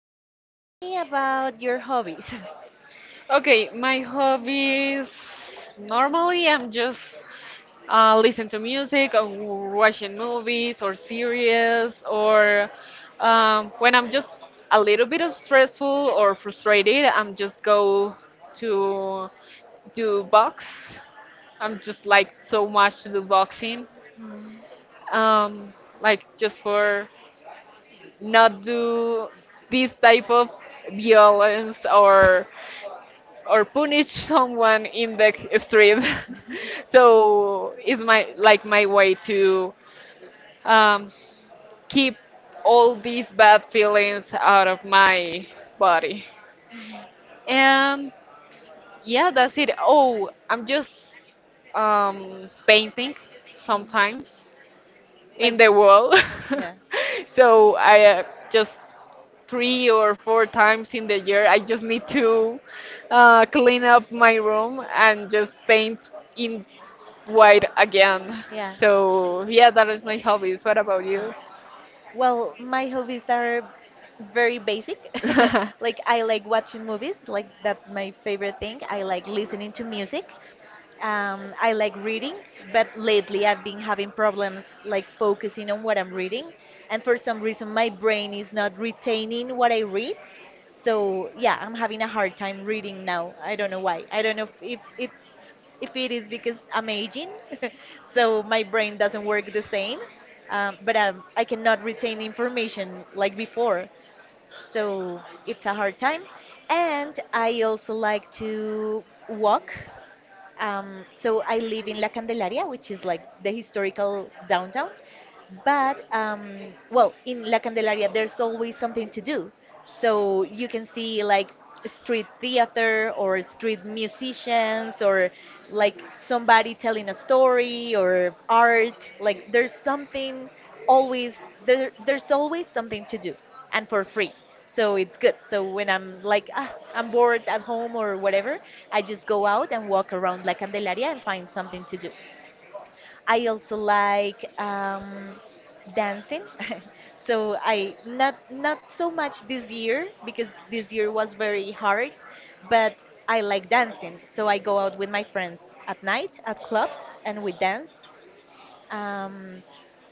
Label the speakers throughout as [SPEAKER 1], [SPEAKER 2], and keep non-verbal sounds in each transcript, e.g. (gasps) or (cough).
[SPEAKER 1] so tell me about your hobbies. (laughs)
[SPEAKER 2] Okay, my hobbies normally I'm just listen to music or watching movies or series or when I'm just a little bit of stressful or frustrated, I'm just go to do box. I'm just like so much to do boxing.
[SPEAKER 1] Mm.
[SPEAKER 2] Um, like just for not do this type of violence or punish (laughs) someone in the street. (laughs)
[SPEAKER 1] (laughs)
[SPEAKER 2] So it's my like my way to um, keep all these bad feelings out of my body. And yeah, that's it. Oh, I'm just painting sometimes in
[SPEAKER 1] Like,
[SPEAKER 2] the wall.
[SPEAKER 1] yeah,
[SPEAKER 2] (laughs) So I just three or four times in the year, I just need to clean up my room and just paint in wide again.
[SPEAKER 1] yeah.
[SPEAKER 2] So yeah, that is my hobbies. What about
[SPEAKER 1] Ah.
[SPEAKER 2] you?
[SPEAKER 1] Well, my hobbies are very basic. (laughs)
[SPEAKER 2] (laughs)
[SPEAKER 1] Like, I like watching movies, like, that's my favorite thing. I like listening to music. I like reading, but lately I've been having problems like focusing on what I'm reading, and for some reason my brain is not retaining what I read. So yeah, I'm having a hard time reading now. I don't know why. I don't know if it is because I'm aging, (laughs) so my brain doesn't work the same. But I cannot retain information like before, so it's a hard time. And I also like to walk so I live in La Candelaria, which is like the historical downtown. But in La Candelaria, there's always something to do. So you can see like street theater or street musicians or like somebody telling a story or art. Like there's something always there. There's always something to do and for free. So it's good. So when I'm like ah, I'm bored at home or whatever, I just go out and walk around La Candelaria and find something to do. I also like dancing. (laughs) So I not so much this year because this year was very hard, but I like dancing. So I go out with my friends at night at clubs and we dance. Um,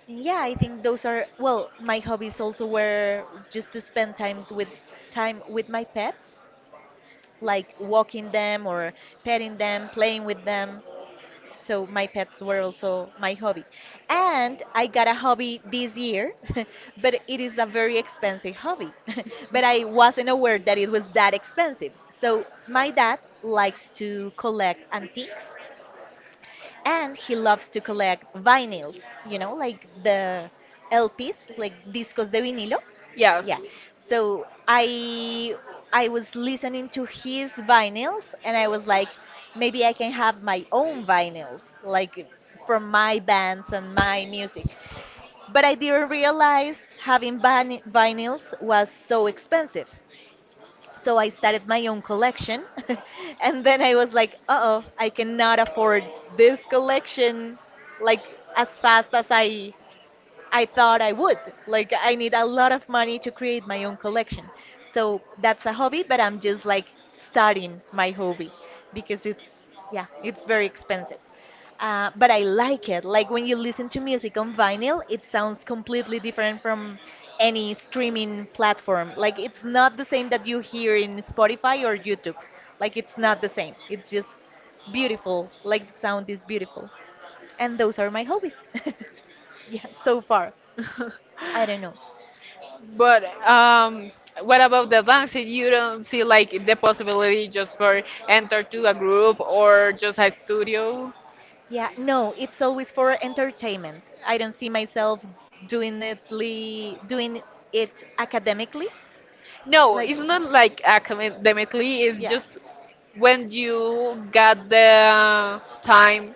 [SPEAKER 1] and yeah, I think those are well, my hobbies also were just to spend times with time with my pets like walking them or petting them, playing with them. So my pets were also my hobby. And I got a hobby this year, (laughs) but it is a very expensive hobby. (laughs) But I wasn't aware that it was that expensive. So my dad likes to collect antiques and he loves to collect vinyls, you know, like the LPs, like discos de vinilo.
[SPEAKER 2] Yes.
[SPEAKER 1] Yeah. So I was listening to his vinyls and I was like maybe I can have my own vinyls like from my bands and my music. But I didn't realize having vinyls was so expensive. So I started my own collection. (laughs) And then I was like, uh oh, I cannot afford this collection like as fast as I thought I would. Like, I need a lot of money to create my own collection. So that's a hobby, but I'm just like starting my hobby because it's, yeah, it's very expensive. But I like it. Like, when you listen to music on vinyl, it sounds completely different from any streaming platform. Like, it's not the same that you hear in Spotify or YouTube. Like, it's not the same. It's just beautiful. Like, the sound is beautiful. And those are my hobbies. (laughs) Yeah, so far.
[SPEAKER 2] (laughs)
[SPEAKER 1] I don't know.
[SPEAKER 2] But what about the dancing? You don't see like the possibility just for enter to a group or just a studio?
[SPEAKER 1] Yeah, no, it's always for entertainment. I don't see myself doing it academically.
[SPEAKER 2] No,
[SPEAKER 1] Like,
[SPEAKER 2] it's not like
[SPEAKER 1] yeah,
[SPEAKER 2] academically. It's just when you got the time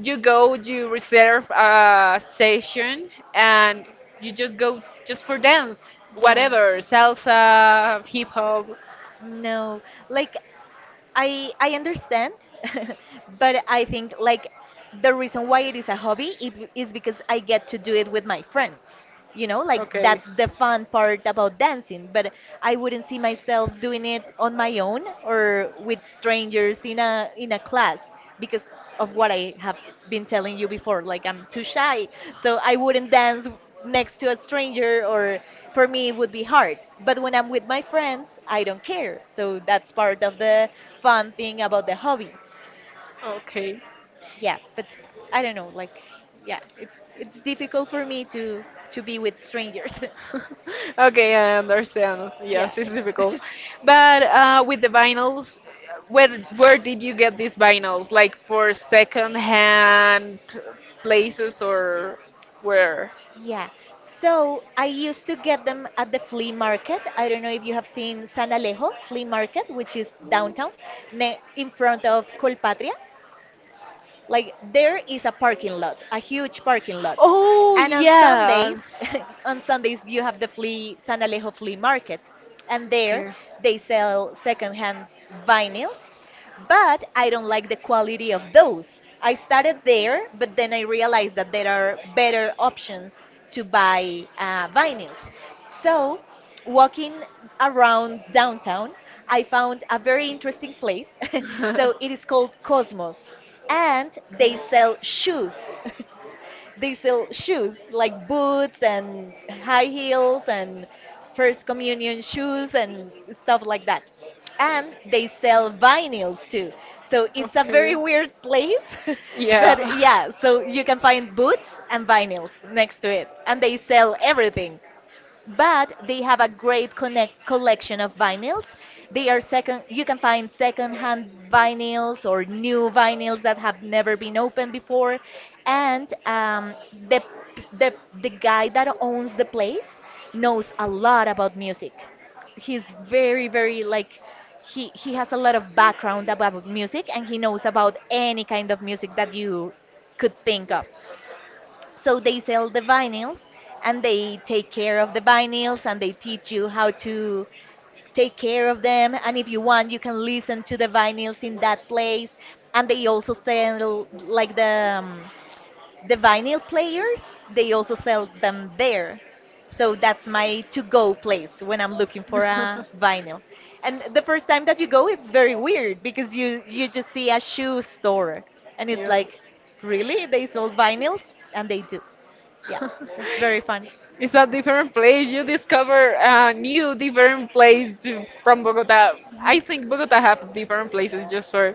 [SPEAKER 2] you go, you reserve a session, and you just go just for dance,
[SPEAKER 1] yeah.
[SPEAKER 2] whatever, salsa, hip hop.
[SPEAKER 1] No, like I understand, (laughs) but I think like the reason why it is a hobby is because I get to do it with my friends. You know, like
[SPEAKER 2] Okay.
[SPEAKER 1] that's the fun part about dancing, but I wouldn't see myself doing it on my own or with strangers in a class because of what I have been telling you before. Like I'm too shy, so I wouldn't dance next to a stranger, or for me it would be hard. But when I'm with my friends, I don't care. So that's part of the fun thing about the hobby.
[SPEAKER 2] Okay.
[SPEAKER 1] Yeah, but I don't know. Like, yeah, it's difficult for me to be with strangers.
[SPEAKER 2] (laughs) Okay, I understand.
[SPEAKER 1] (laughs) Yeah.
[SPEAKER 2] Yes, it's difficult.
[SPEAKER 1] (laughs)
[SPEAKER 2] But with the vinyls, where did you get these vinyls? Like for second hand places or where?
[SPEAKER 1] Yeah. So I used to get them at the flea market. I don't know if you have seen San Alejo flea market, which is downtown ne in front of Colpatria. Like there is a parking lot, a huge parking lot.
[SPEAKER 2] Oh,
[SPEAKER 1] And on Sundays,
[SPEAKER 2] yes.
[SPEAKER 1] (laughs) on Sundays you have the flea San Alejo flea market, and there
[SPEAKER 2] Okay.
[SPEAKER 1] they sell secondhand vinyls, but I don't like the quality of those. I started there, but then I realized that there are better options to buy vinyls. So walking around downtown, I found a very interesting place. (laughs) So
[SPEAKER 2] (laughs)
[SPEAKER 1] it is called Cosmos. And they sell shoes. (laughs) They sell shoes like boots and high heels and first communion shoes and stuff like that. And they sell vinyls too. So it's a very weird place. (laughs)
[SPEAKER 2] Yeah.
[SPEAKER 1] But yeah, so
[SPEAKER 2] (laughs)
[SPEAKER 1] you can find boots and vinyls next to it. And they sell everything but they have a great connect collection of vinyls. They are you can find second-hand vinyls or new vinyls that have never been opened before. And the, the guy that owns the place knows a lot about music. He's very, very like, he has a lot of background about music and he knows about any kind of music that you could think of. So they sell the vinyls and they take care of the vinyls and they teach you how to take care of them. And if you want, you can listen to the vinyls in that place. And they also sell like the vinyl players. They also sell them there. So that's my to-go place when I'm looking for a vinyl.
[SPEAKER 2] (laughs)
[SPEAKER 1] And the first time that you go, it's very weird because you just see a shoe store and it's like, really? They sell vinyls? And they do. Yeah. It's very
[SPEAKER 2] (laughs)
[SPEAKER 1] fun.
[SPEAKER 2] It's a different place. You discover a new different place to- from Bogota. I
[SPEAKER 1] Mhm.
[SPEAKER 2] think Bogota have different places just for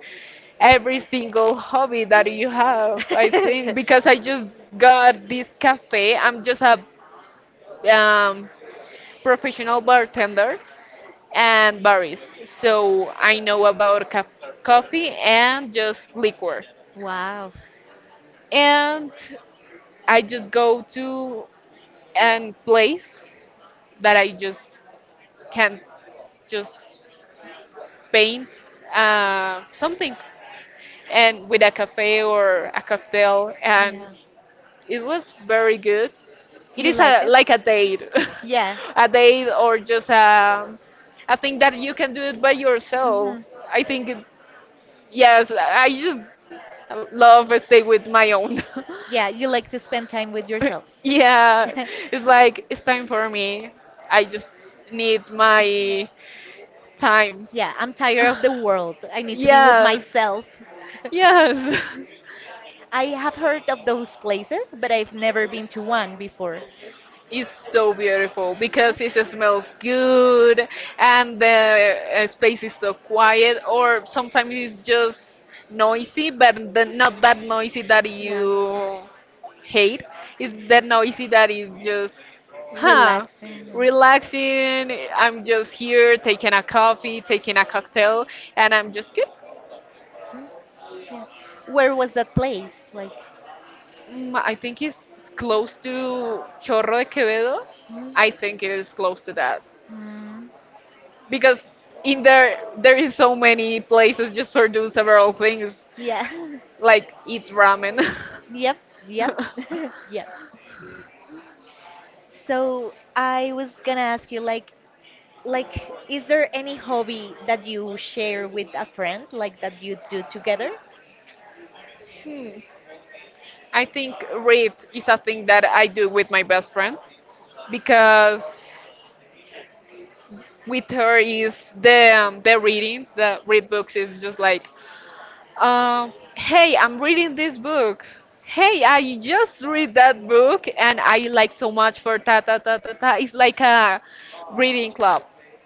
[SPEAKER 2] every single hobby that you have. I think because I
[SPEAKER 1] (laughs)
[SPEAKER 2] just got this cafe. I'm just a um, professional bartender and barist, so I know about ca- coffee and just liquor.
[SPEAKER 1] Wow.
[SPEAKER 2] And I just go to an place that I just can't just paint something and with a cafe or a cocktail and it was very good it is a like a date.
[SPEAKER 1] Yeah.
[SPEAKER 2] (laughs) A
[SPEAKER 1] (laughs)
[SPEAKER 2] date or just a thing that you can do it by
[SPEAKER 1] Hmm.
[SPEAKER 2] yourself. I think it, yes I just love stay with my own.
[SPEAKER 1] Yeah, you like to spend
[SPEAKER 2] (laughs)
[SPEAKER 1] time with
[SPEAKER 2] (laughs)
[SPEAKER 1] yourself.
[SPEAKER 2] Yeah,
[SPEAKER 1] (laughs)
[SPEAKER 2] it's like it's time for me. I just need my
[SPEAKER 1] (laughs)
[SPEAKER 2] time.
[SPEAKER 1] Yeah, I'm tired of the world. I
[SPEAKER 2] (laughs)
[SPEAKER 1] need to be with
[SPEAKER 2] Yes.
[SPEAKER 1] myself. (laughs)
[SPEAKER 2] Yes. (laughs)
[SPEAKER 1] I have heard of those places, but I've never been to one before.
[SPEAKER 2] It's so beautiful
[SPEAKER 1] Yeah.
[SPEAKER 2] because it smells good and the space is so quiet, or sometimes it's just noisy, but the, not that noisy that
[SPEAKER 1] Yeah.
[SPEAKER 2] you hate. It's that noisy that is just, huh,
[SPEAKER 1] Relaxing. And?
[SPEAKER 2] relaxing. I'm just here taking a coffee, taking a cocktail, and I'm just good.
[SPEAKER 1] Mm. Yeah. Where was that place? Like,
[SPEAKER 2] Mm, I think it's close to Chorro de Quevedo.
[SPEAKER 1] mm,
[SPEAKER 2] I think it is close to that
[SPEAKER 1] mm,
[SPEAKER 2] because in there there is so many places just for do several things
[SPEAKER 1] yeah. (laughs)
[SPEAKER 2] like eat ramen.
[SPEAKER 1] Yep, yep, (laughs)
[SPEAKER 2] (laughs)
[SPEAKER 1] yep. So I was gonna ask you, like, is there any hobby that you share with a friend, like that you do together?
[SPEAKER 2] Hmm. I think read is a thing that I do with my best friend because with her is the the reading, the read books is just like uh, hey, I'm reading this book. Hey, I just read that book and I like so much for ta ta ta ta ta. It's like a reading club,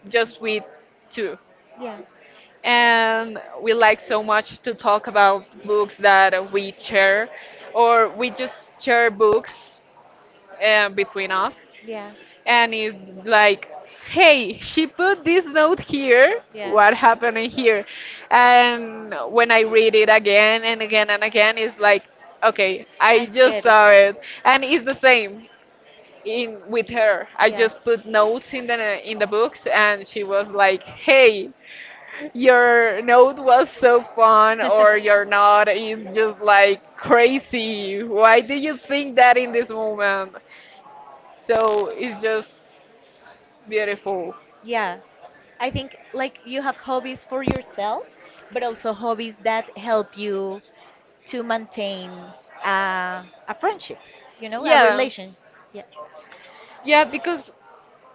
[SPEAKER 2] just with two.
[SPEAKER 1] Yeah,
[SPEAKER 2] And we like so much to talk about books that we share, or we just share books between us
[SPEAKER 1] yeah,
[SPEAKER 2] and it's like, hey, she put this note here.
[SPEAKER 1] yeah.
[SPEAKER 2] What happened here? And when I read it again and again and again, it's like, okay, I
[SPEAKER 1] I
[SPEAKER 2] just
[SPEAKER 1] get it.
[SPEAKER 2] saw it, and it's the same in with her. I just put notes in the books, and she was like, hey, your note was so fun, or your note is just like crazy. Why do you think that in this
[SPEAKER 1] Yeah.
[SPEAKER 2] moment?
[SPEAKER 1] (laughs)
[SPEAKER 2] So it's just beautiful.
[SPEAKER 1] Yeah, I think like you have hobbies for yourself, but also hobbies that help you to maintain a friendship, you know, a
[SPEAKER 2] Yeah.
[SPEAKER 1] relation.
[SPEAKER 2] Yeah, because,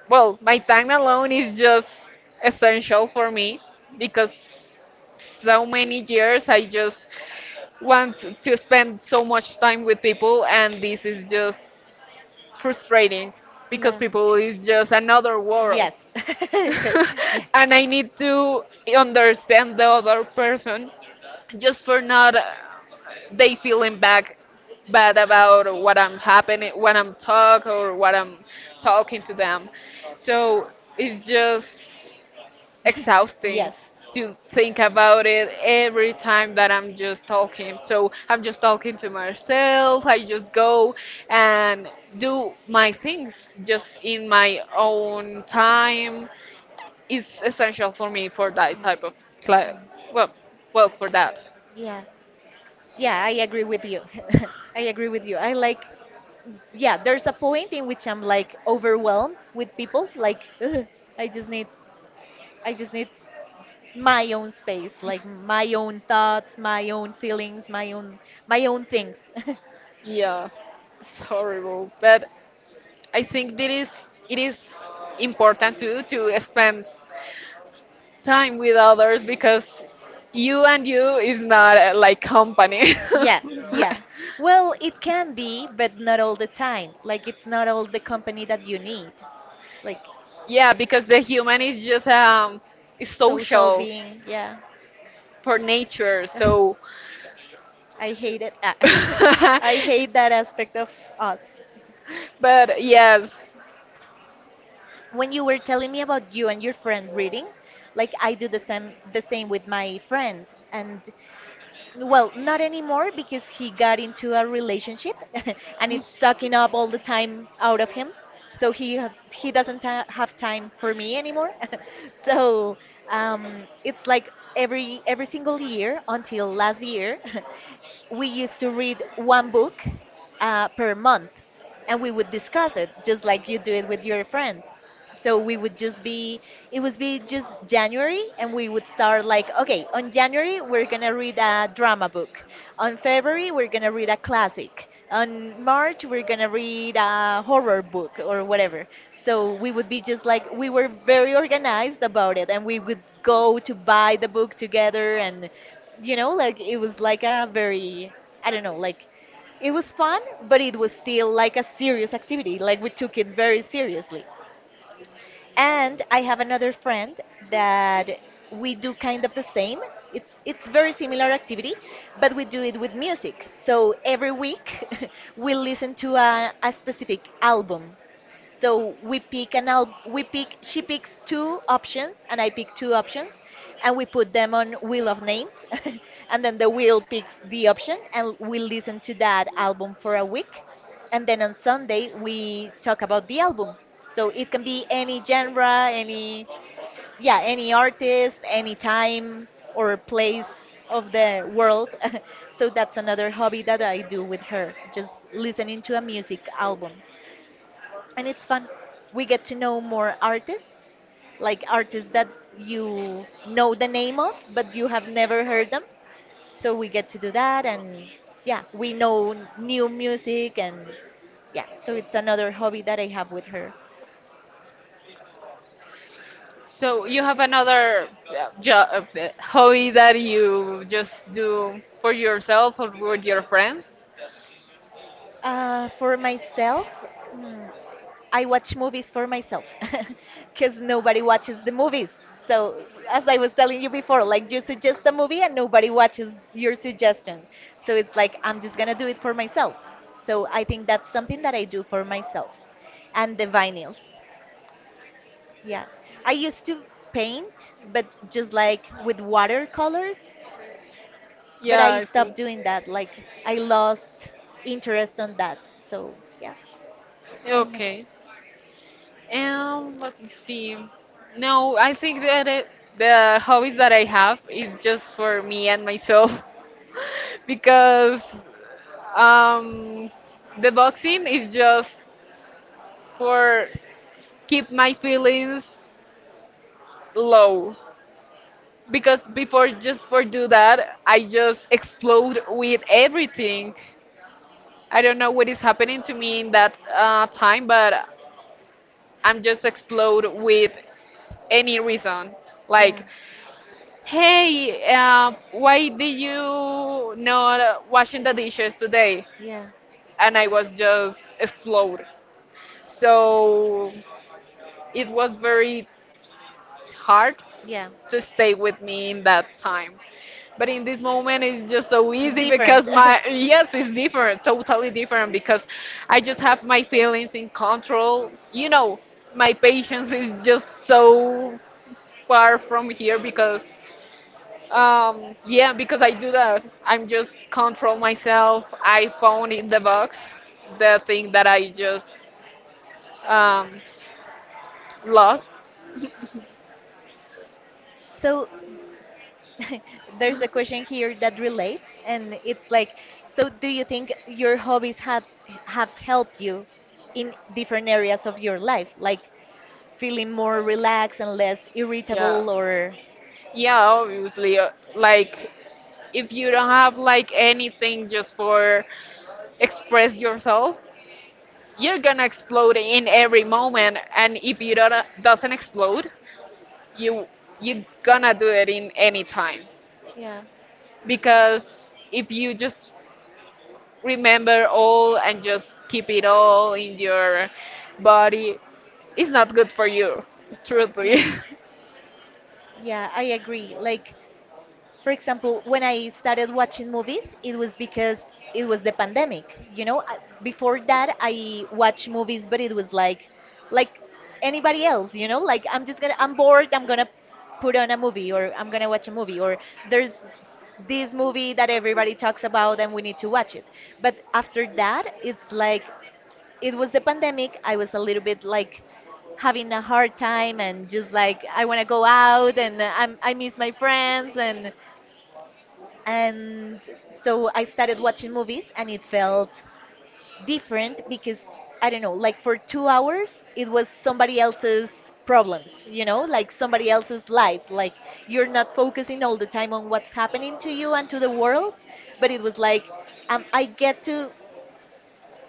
[SPEAKER 2] well, my time alone is just essential for me because so many years I just want to spend so much time with people, and this is just frustrating because
[SPEAKER 1] Yeah, yeah,
[SPEAKER 2] people is just another world.
[SPEAKER 1] yes,
[SPEAKER 2] (laughs)
[SPEAKER 1] (laughs) yes,
[SPEAKER 2] And I need to understand the other person just for not they feeling back bad about what I'm happening when I'm talk or what I'm talking to them. So it's just
[SPEAKER 1] (laughs)
[SPEAKER 2] exhausting
[SPEAKER 1] yes, yeah.
[SPEAKER 2] to think about it every time that I'm just talking. So I'm just talking to myself. I just go and do my things just in my own time. It's essential for me for that type of cla- well, well for that.
[SPEAKER 1] Yeah. Yeah, I agree with you. (laughs) I agree with you. I like, yeah, there's a point in which I'm like overwhelmed with people. Like, (laughs) ugh, I just need, I just need my own space, like my own thoughts, my own feelings, my own things. (laughs)
[SPEAKER 2] Yeah, it's horrible. But I think that is it is important to spend time with others because you and you is not like company.
[SPEAKER 1] Yeah, yeah. Well, it can be, but not all the time. Like, it's not all the company that you need. Like,
[SPEAKER 2] (laughs) Yeah, because the human is just is
[SPEAKER 1] social
[SPEAKER 2] social
[SPEAKER 1] being, yeah.
[SPEAKER 2] for nature.
[SPEAKER 1] (laughs)
[SPEAKER 2] So
[SPEAKER 1] I hate it. Ah, (laughs) I hate
[SPEAKER 2] (laughs)
[SPEAKER 1] that aspect of us.
[SPEAKER 2] but yes,
[SPEAKER 1] When you were telling me about you and your friend reading, like I do the same with my friend and well, not anymore because he got into a relationship (laughs) and it's sucking up all the time out of him. So he doesn't ta have time for me anymore. (laughs) So it's like every single year until last year, (laughs) we used to read one book per month and we would discuss it just like you do it with your friend. So we would just be it would be just January, and we would start like, okay, on January we're gonna read a drama book, on February we're gonna read a classic, on March we're gonna read a horror book or whatever. So we would be just like, we were very organized about it, and we would go to buy the book together, and you know, like it was like a very, I don't know, like it was fun, but it was still like a serious activity, like we took it very seriously. And I have another friend that we do kind of the same. It's very similar activity, but we do it with music. So every week (laughs) we listen to a specific album. So we pick and I'll we pick she picks two options and I pick two options, and we put them on Wheel of Names (laughs) and then the wheel picks the option and we listen to that album for a week, and then on Sunday we talk about the album. So it can be any genre, any yeah, any artist, any time or place of the world. (laughs) So that's another hobby that I do with her, just listening to a music album, and it's fun. We get to know more artists, like artists that you know the name of, but you have never heard them. So we get to do that, and yeah, we know new music, and yeah, so it's another hobby that I have with her.
[SPEAKER 2] so you have another uh, jo- uh, hobby that you just do for yourself or with your friends?
[SPEAKER 1] For myself, mm, I watch movies for myself (laughs) because nobody watches the movies. So, as I was telling you before, like, you suggest a movie and nobody watches your suggestion. So it's like I'm just gonna do it for myself. So I think that's something that I do for myself. And the vinyls. Yeah. I used to paint, but just like with watercolors, but
[SPEAKER 2] Yeah,
[SPEAKER 1] I
[SPEAKER 2] I see.
[SPEAKER 1] stopped doing that. Like, I lost interest on that. So, yeah, I never.
[SPEAKER 2] Okay. Let me see. No, I think that it, the hobbies that I have is just for me and myself (laughs) because um, the boxing is just for keep my feelings low because before just for do that I just explode with everything. I don't know what is happening to me in that time but I'm just explode with any reason like hey, why did you not washing the dishes today
[SPEAKER 1] Yeah, yeah,
[SPEAKER 2] and I was just explode. So it was very hard
[SPEAKER 1] yeah.
[SPEAKER 2] to stay with me in that time. But in this moment, it's just so
[SPEAKER 1] (laughs)
[SPEAKER 2] easy
[SPEAKER 1] Different.
[SPEAKER 2] because
[SPEAKER 1] (laughs)
[SPEAKER 2] my, yes, it's different, totally different because I just have my feelings in control. You know, my patience is just so far from here because, yeah, because I do that. I'm just control myself. I found in the box the thing that I just um, lost.
[SPEAKER 1] So (laughs) there's a question here that relates, and it's like, so do you think your hobbies have helped you in different areas of your life, like feeling more relaxed and less
[SPEAKER 2] Yeah.
[SPEAKER 1] irritable, or
[SPEAKER 2] Yeah, obviously. Like, if you don't have like anything just for express yourself, you're gonna explode in every moment. And if you don't doesn't explode, you you gonna do it in any time.
[SPEAKER 1] yeah,
[SPEAKER 2] Because if you just remember all and just keep it all in your body, it's not good for you.
[SPEAKER 1] yeah,
[SPEAKER 2] Truthfully.
[SPEAKER 1] yeah, I agree. Like, for example, when I started watching movies, it was because it was the pandemic. You know, before that, I watched movies, but it was like anybody else. You know, like I'm bored. I'm gonna put on a movie, or I'm gonna watch a movie, or there's this movie that everybody talks about, and we need to watch it. But after that, it's like it was the pandemic. I was a little bit like having a hard time and just like I want to go out and I miss my friends and so I started watching movies and it felt different because I don't know, like for 2 hours it was somebody else's problems, you know, like somebody else's life. Like you're not focusing all the time on what's happening to you and to the world, but it was like I get to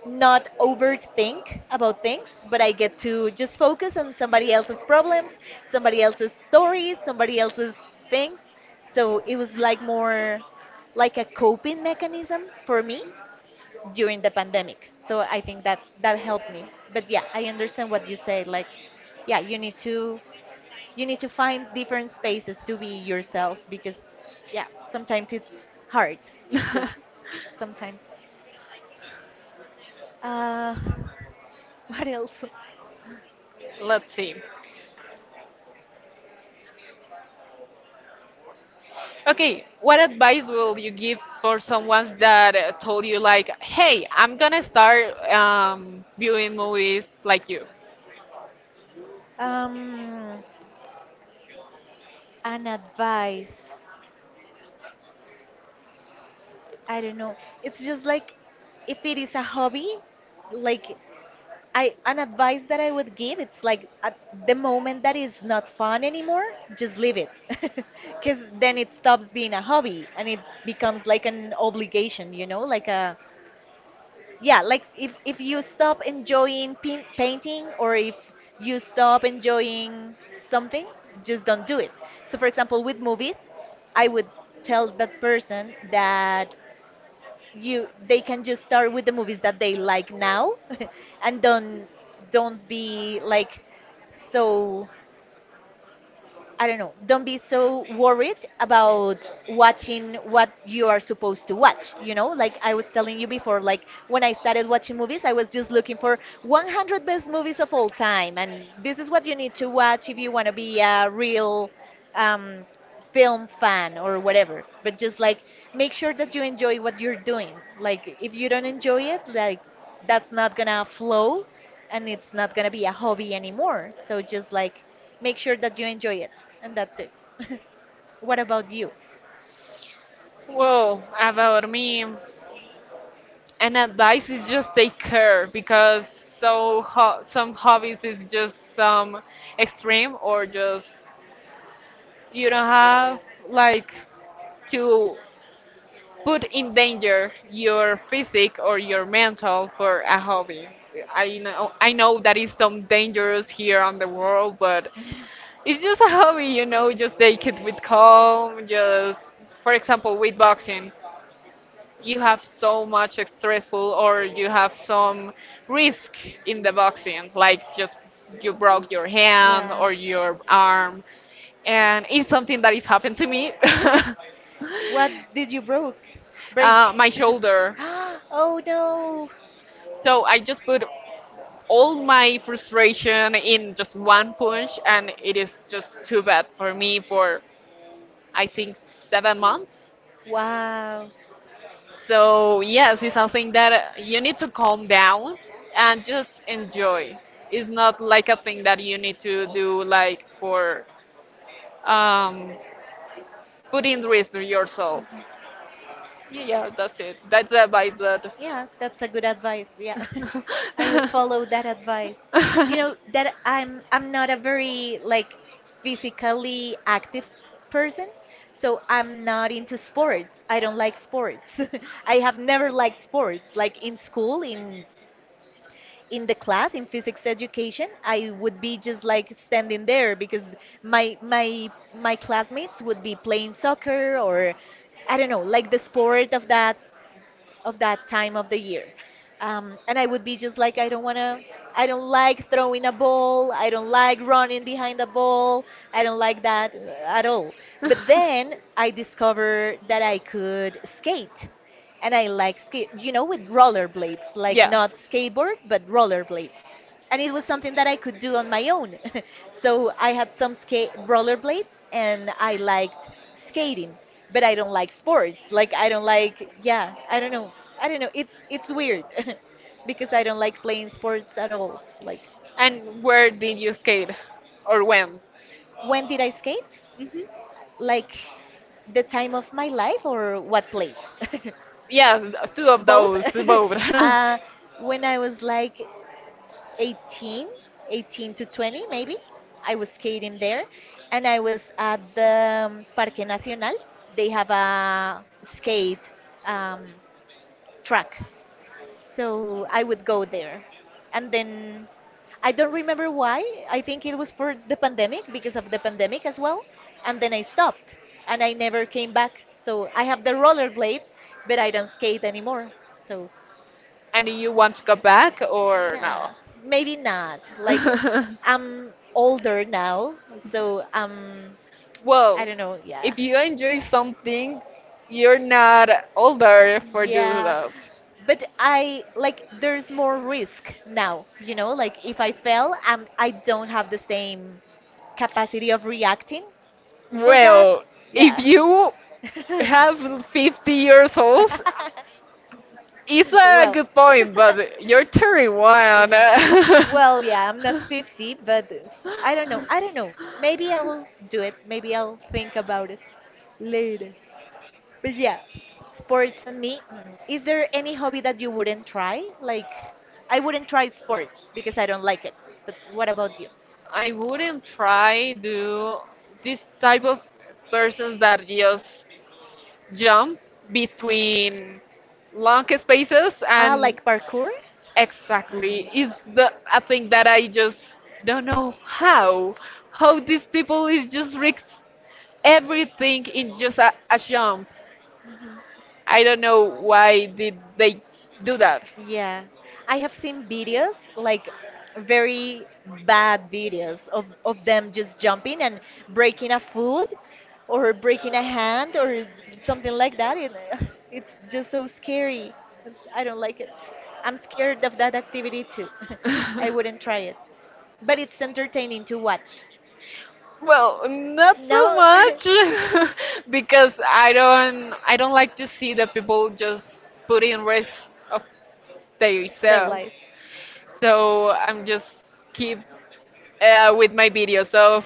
[SPEAKER 1] not overthink about things, but I get to just focus on somebody else's problems, somebody else's stories, somebody else's things. So it was like more like a coping mechanism for me during the pandemic. So I think that that helped me. But yeah, I understand what you say. Like, yeah, you need to find different spaces to be yourself because yeah, sometimes it's hard. Just
[SPEAKER 2] (laughs)
[SPEAKER 1] sometimes. Uh, (laughs) what else?
[SPEAKER 2] Let's see. Okay, what advice will you give for someone that told you like, "Hey, I'm gonna start viewing movies like you"?
[SPEAKER 1] Um, an advice. I don't know. It's just like if it is a hobby, like I an advice that I would give, it's like at the moment that is not fun anymore, just leave it. (laughs) Because then it stops being a hobby and it becomes like an obligation, you know, like a yeah, like if you stop enjoying painting, or if you stop enjoying something, just don't do it. So, for example, with movies, I would tell that person that you they can just start with the movies that they like now, (laughs) and don't be like so, I don't know, don't be so worried about watching what you are supposed to watch. You know, like I was telling you before, like when I started watching movies, I was just looking for 100 best movies of all time. And this is what you need to watch if you want to be a real um, film fan or whatever. But just like make sure that you enjoy what you're doing. Like, if you don't enjoy it, like that's not gonna flow and it's not gonna be a hobby anymore. So just like, make sure that you enjoy it, and that's it. (laughs) What about you?
[SPEAKER 2] Well, about me, an advice is just take care because so some hobbies is just some extreme or just you don't have like to put in danger your physic or your mental for a hobby. I know that is some dangerous here on the world, but
[SPEAKER 1] (laughs)
[SPEAKER 2] it's just a hobby, you know, just take it with calm, just for example with boxing. You have so much stressful or you have some risk in the boxing, like just you broke your hand
[SPEAKER 1] Yeah.
[SPEAKER 2] or your arm and it's something that is happened to me. (laughs)
[SPEAKER 1] What did you broke?
[SPEAKER 2] Uh,
[SPEAKER 1] Break.
[SPEAKER 2] my shoulder.
[SPEAKER 1] (gasps) Oh no!
[SPEAKER 2] So I just put all my frustration in just one punch, and it is just too bad for me for I think 7 months.
[SPEAKER 1] Wow.
[SPEAKER 2] So yes, it's something that you need to calm down and just enjoy. It's not like a thing that you need to do like for um, putting risk to yourself. Yeah, that's it. That's the advice that
[SPEAKER 1] Yeah, that's a good advice. Yeah.
[SPEAKER 2] (laughs)
[SPEAKER 1] (laughs) I would follow that advice. You know that I'm not a very like physically active person, so I'm not into sports. I don't like sports. (laughs) I have never liked sports. Like in school, in the class in physics education, I would be just like standing there because my classmates would be playing soccer or I don't know, like the sport of that time of the year. And I would be just like, I don't want to, I don't like throwing a ball. I don't like running behind a ball. I don't like that at all. But then I discovered that I could skate, and I like skate, you know, with rollerblades, like
[SPEAKER 2] yeah.
[SPEAKER 1] not skateboard, but rollerblades. And it was something that I could do on my own. (laughs) So I had some skate rollerblades and I liked skating, but I don't like sports. Like, I don't like, yeah, I don't know. I don't know. It's weird (laughs) because I don't like playing sports at all. Like,
[SPEAKER 2] And where did you skate? Or when?
[SPEAKER 1] when did I skate?
[SPEAKER 2] Hmm.
[SPEAKER 1] Like, the time of my life or what place? (laughs)
[SPEAKER 2] Yes, two of
[SPEAKER 1] Both.
[SPEAKER 2] those, both.
[SPEAKER 1] (laughs)
[SPEAKER 2] (laughs)
[SPEAKER 1] uh, when I was like 18, 18 to 20 maybe. I was skating there and I was at the Parque Nacional. They have a skate um, track. So I would go there. And then I don't remember why. I think it was for the pandemic, because of the pandemic as well. And then I stopped and I never came back. So I have the rollerblades, but I don't skate anymore. So
[SPEAKER 2] And do you want to go back or no?
[SPEAKER 1] nah, maybe not. Like,
[SPEAKER 2] (laughs)
[SPEAKER 1] I'm older now, so I
[SPEAKER 2] Well,
[SPEAKER 1] don't know. Yeah,
[SPEAKER 2] if you enjoy something, you're not older for do
[SPEAKER 1] yeah.
[SPEAKER 2] that.
[SPEAKER 1] But I like, there's more risk now. You know, like if I fail, I don't have the same capacity of reacting for that.
[SPEAKER 2] Well, if
[SPEAKER 1] Yeah.
[SPEAKER 2] you
[SPEAKER 1] (laughs)
[SPEAKER 2] have 50 years old, it's
[SPEAKER 1] (laughs)
[SPEAKER 2] a
[SPEAKER 1] Well.
[SPEAKER 2] good point, but you're
[SPEAKER 1] (laughs)
[SPEAKER 2] 31. (laughs)
[SPEAKER 1] (laughs) Well, yeah, I'm not 50, but I don't know. I don't know. Maybe I'll do it. Maybe I'll think about it later. But yeah, sports and me. Is there any hobby that you wouldn't try? Like, I wouldn't try sports because I don't like it. But what about you?
[SPEAKER 2] I wouldn't try do this type of persons that just jump between long spaces
[SPEAKER 1] Ah,
[SPEAKER 2] and
[SPEAKER 1] like parkour?
[SPEAKER 2] exactly. It's the a thing that I just don't know how. How these people is just risk everything in just a jump.
[SPEAKER 1] Um,
[SPEAKER 2] I don't know why did they do that.
[SPEAKER 1] Yeah, I have seen videos like very bad videos of them just jumping and breaking a foot or breaking a hand or something like that. It, (laughs) it's just so scary. I don't like it. I'm scared of that activity too. (laughs) I
[SPEAKER 2] (laughs)
[SPEAKER 1] wouldn't try it. But it's entertaining to watch.
[SPEAKER 2] Well, not
[SPEAKER 1] No?
[SPEAKER 2] so
[SPEAKER 1] (laughs)
[SPEAKER 2] much (laughs) because I don't like to see the people just put in risk of
[SPEAKER 1] Their
[SPEAKER 2] themselves.
[SPEAKER 1] lives.
[SPEAKER 2] So I'm just
[SPEAKER 1] (laughs)
[SPEAKER 2] keep with my videos of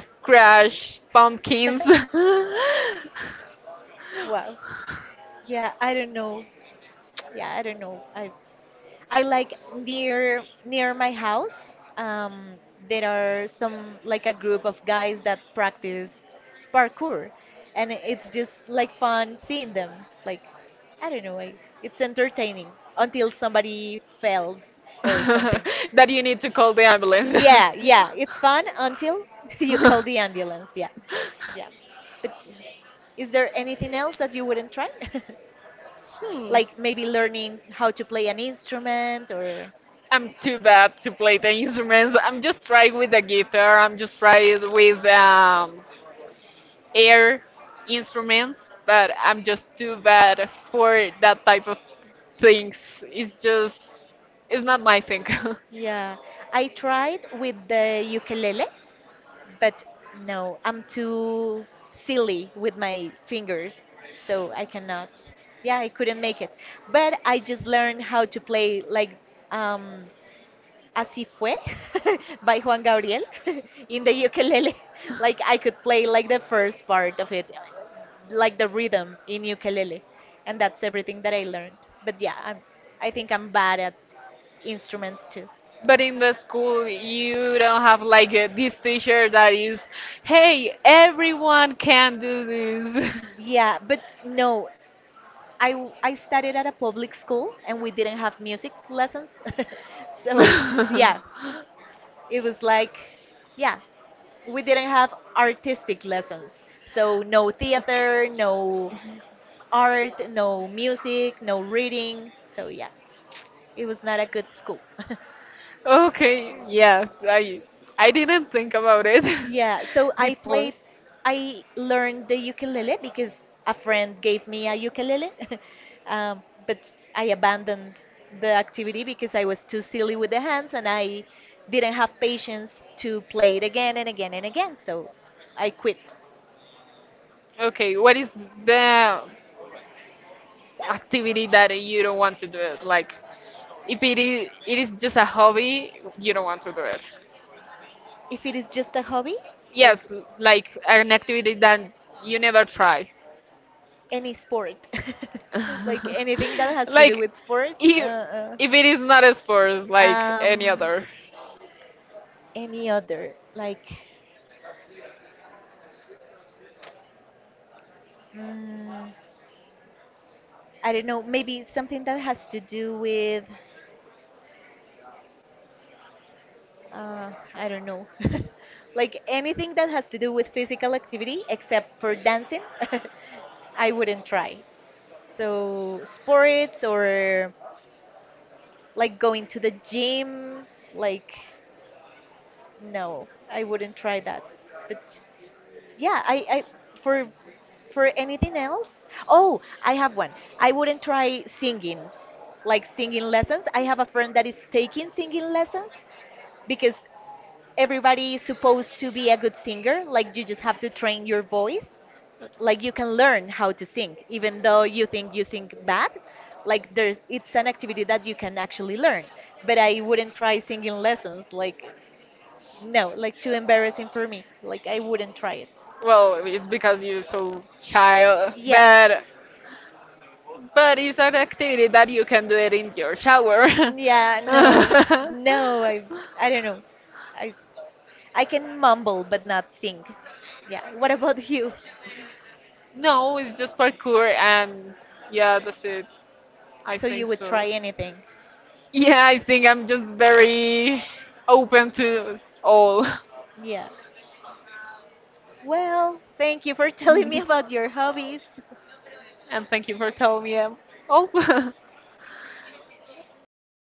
[SPEAKER 2] Scratch pumpkins (laughs) that
[SPEAKER 1] (laughs) Wow. Yeah, I don't know. (tsk) Yeah, I don't know. I like near my house. Um, there are some like a group of guys that practice parkour, and it's just like fun seeing them. Like, I don't know, it's entertaining until somebody fails or something.
[SPEAKER 2] you need to call the ambulance.
[SPEAKER 1] Yeah, yeah, it's fun until (laughs) you call the ambulance.
[SPEAKER 2] (laughs)
[SPEAKER 1] Yeah, yeah. But is there anything else that you wouldn't try? (laughs)
[SPEAKER 2] Hmm.
[SPEAKER 1] Like maybe learning how to play an instrument or.
[SPEAKER 2] I'm too bad to play the instruments. I'm just trying with the guitar. I'm just trying with air instruments, but I'm just too bad for that type of things. It's just, it's not my thing. (laughs)
[SPEAKER 1] Yeah, I tried with the ukulele, but no, I'm too silly with my fingers, so I cannot. Yeah, I couldn't make it. But I just learned how to play like um Así fue (laughs) by Juan Gabriel (laughs) in the ukulele. (laughs) Like I could play like the first part of it, like the rhythm in ukulele, and that's everything that I learned. But yeah, I think I'm bad at instruments too.
[SPEAKER 2] But in the school, you don't have like a, this teacher that is, hey, everyone can do
[SPEAKER 1] Yeah, but no, I studied at a public school and we didn't have music lessons. (laughs)
[SPEAKER 2] this.
[SPEAKER 1] So,
[SPEAKER 2] (laughs)
[SPEAKER 1] yeah,
[SPEAKER 2] (laughs)
[SPEAKER 1] it was like yeah, we didn't have artistic lessons. So, no theater, no art, no music, no reading. So, yeah, it was not a good school. (laughs)
[SPEAKER 2] Okay, yes, I didn't think about it
[SPEAKER 1] Yeah, so
[SPEAKER 2] (laughs) before.
[SPEAKER 1] I learned the ukulele because a friend gave me a ukulele, (laughs) but I abandoned the activity because I was too silly with the hands and I didn't have patience to play it again and again and again, so I quit.
[SPEAKER 2] Okay, what is the activity that you don't want to do it? Like, if it is, it is just a hobby, you don't want to do it.
[SPEAKER 1] If it is just a hobby, like
[SPEAKER 2] Yes, l- like an activity that you never try.
[SPEAKER 1] any sport, (laughs) like
[SPEAKER 2] (laughs)
[SPEAKER 1] anything that has to do
[SPEAKER 2] Like
[SPEAKER 1] with sports,
[SPEAKER 2] if, if it is not a sport
[SPEAKER 1] uh,
[SPEAKER 2] like any
[SPEAKER 1] um,
[SPEAKER 2] other.
[SPEAKER 1] any other like mm, I don't know, maybe something that has to do with I don't know (laughs) like anything that has to do with physical activity except for dancing (laughs) I wouldn't try. So sports or like going to the gym, like no, I wouldn't try that. But yeah, I for anything else? Oh, I have one. I wouldn't try singing, like singing lessons. I have a friend that is taking singing lessons because everybody is supposed to be a good singer. Like, you just have to train your voice. Like, you can learn how to sing, even though you think you sing bad. Like there's, it's an activity that you can actually learn. But I wouldn't try singing lessons. Like, no, like too embarrassing for me. Like I wouldn't try it.
[SPEAKER 2] Well, it's because you're so shy,
[SPEAKER 1] Yeah.
[SPEAKER 2] but it's an activity that you can do it in your shower.
[SPEAKER 1] Yeah,
[SPEAKER 2] (laughs)
[SPEAKER 1] no. No, I don't know. I I can mumble but not sing. Yeah. What about you?
[SPEAKER 2] No, it's just parkour and yeah, that's it. I
[SPEAKER 1] So you
[SPEAKER 2] think
[SPEAKER 1] would
[SPEAKER 2] so.
[SPEAKER 1] try anything?
[SPEAKER 2] Yeah, I think I'm just very open to all.
[SPEAKER 1] Yeah. Well, thank you for (laughs) telling me about
[SPEAKER 2] (laughs)
[SPEAKER 1] your hobbies.
[SPEAKER 2] And thank you for telling me. Um, oh, (laughs)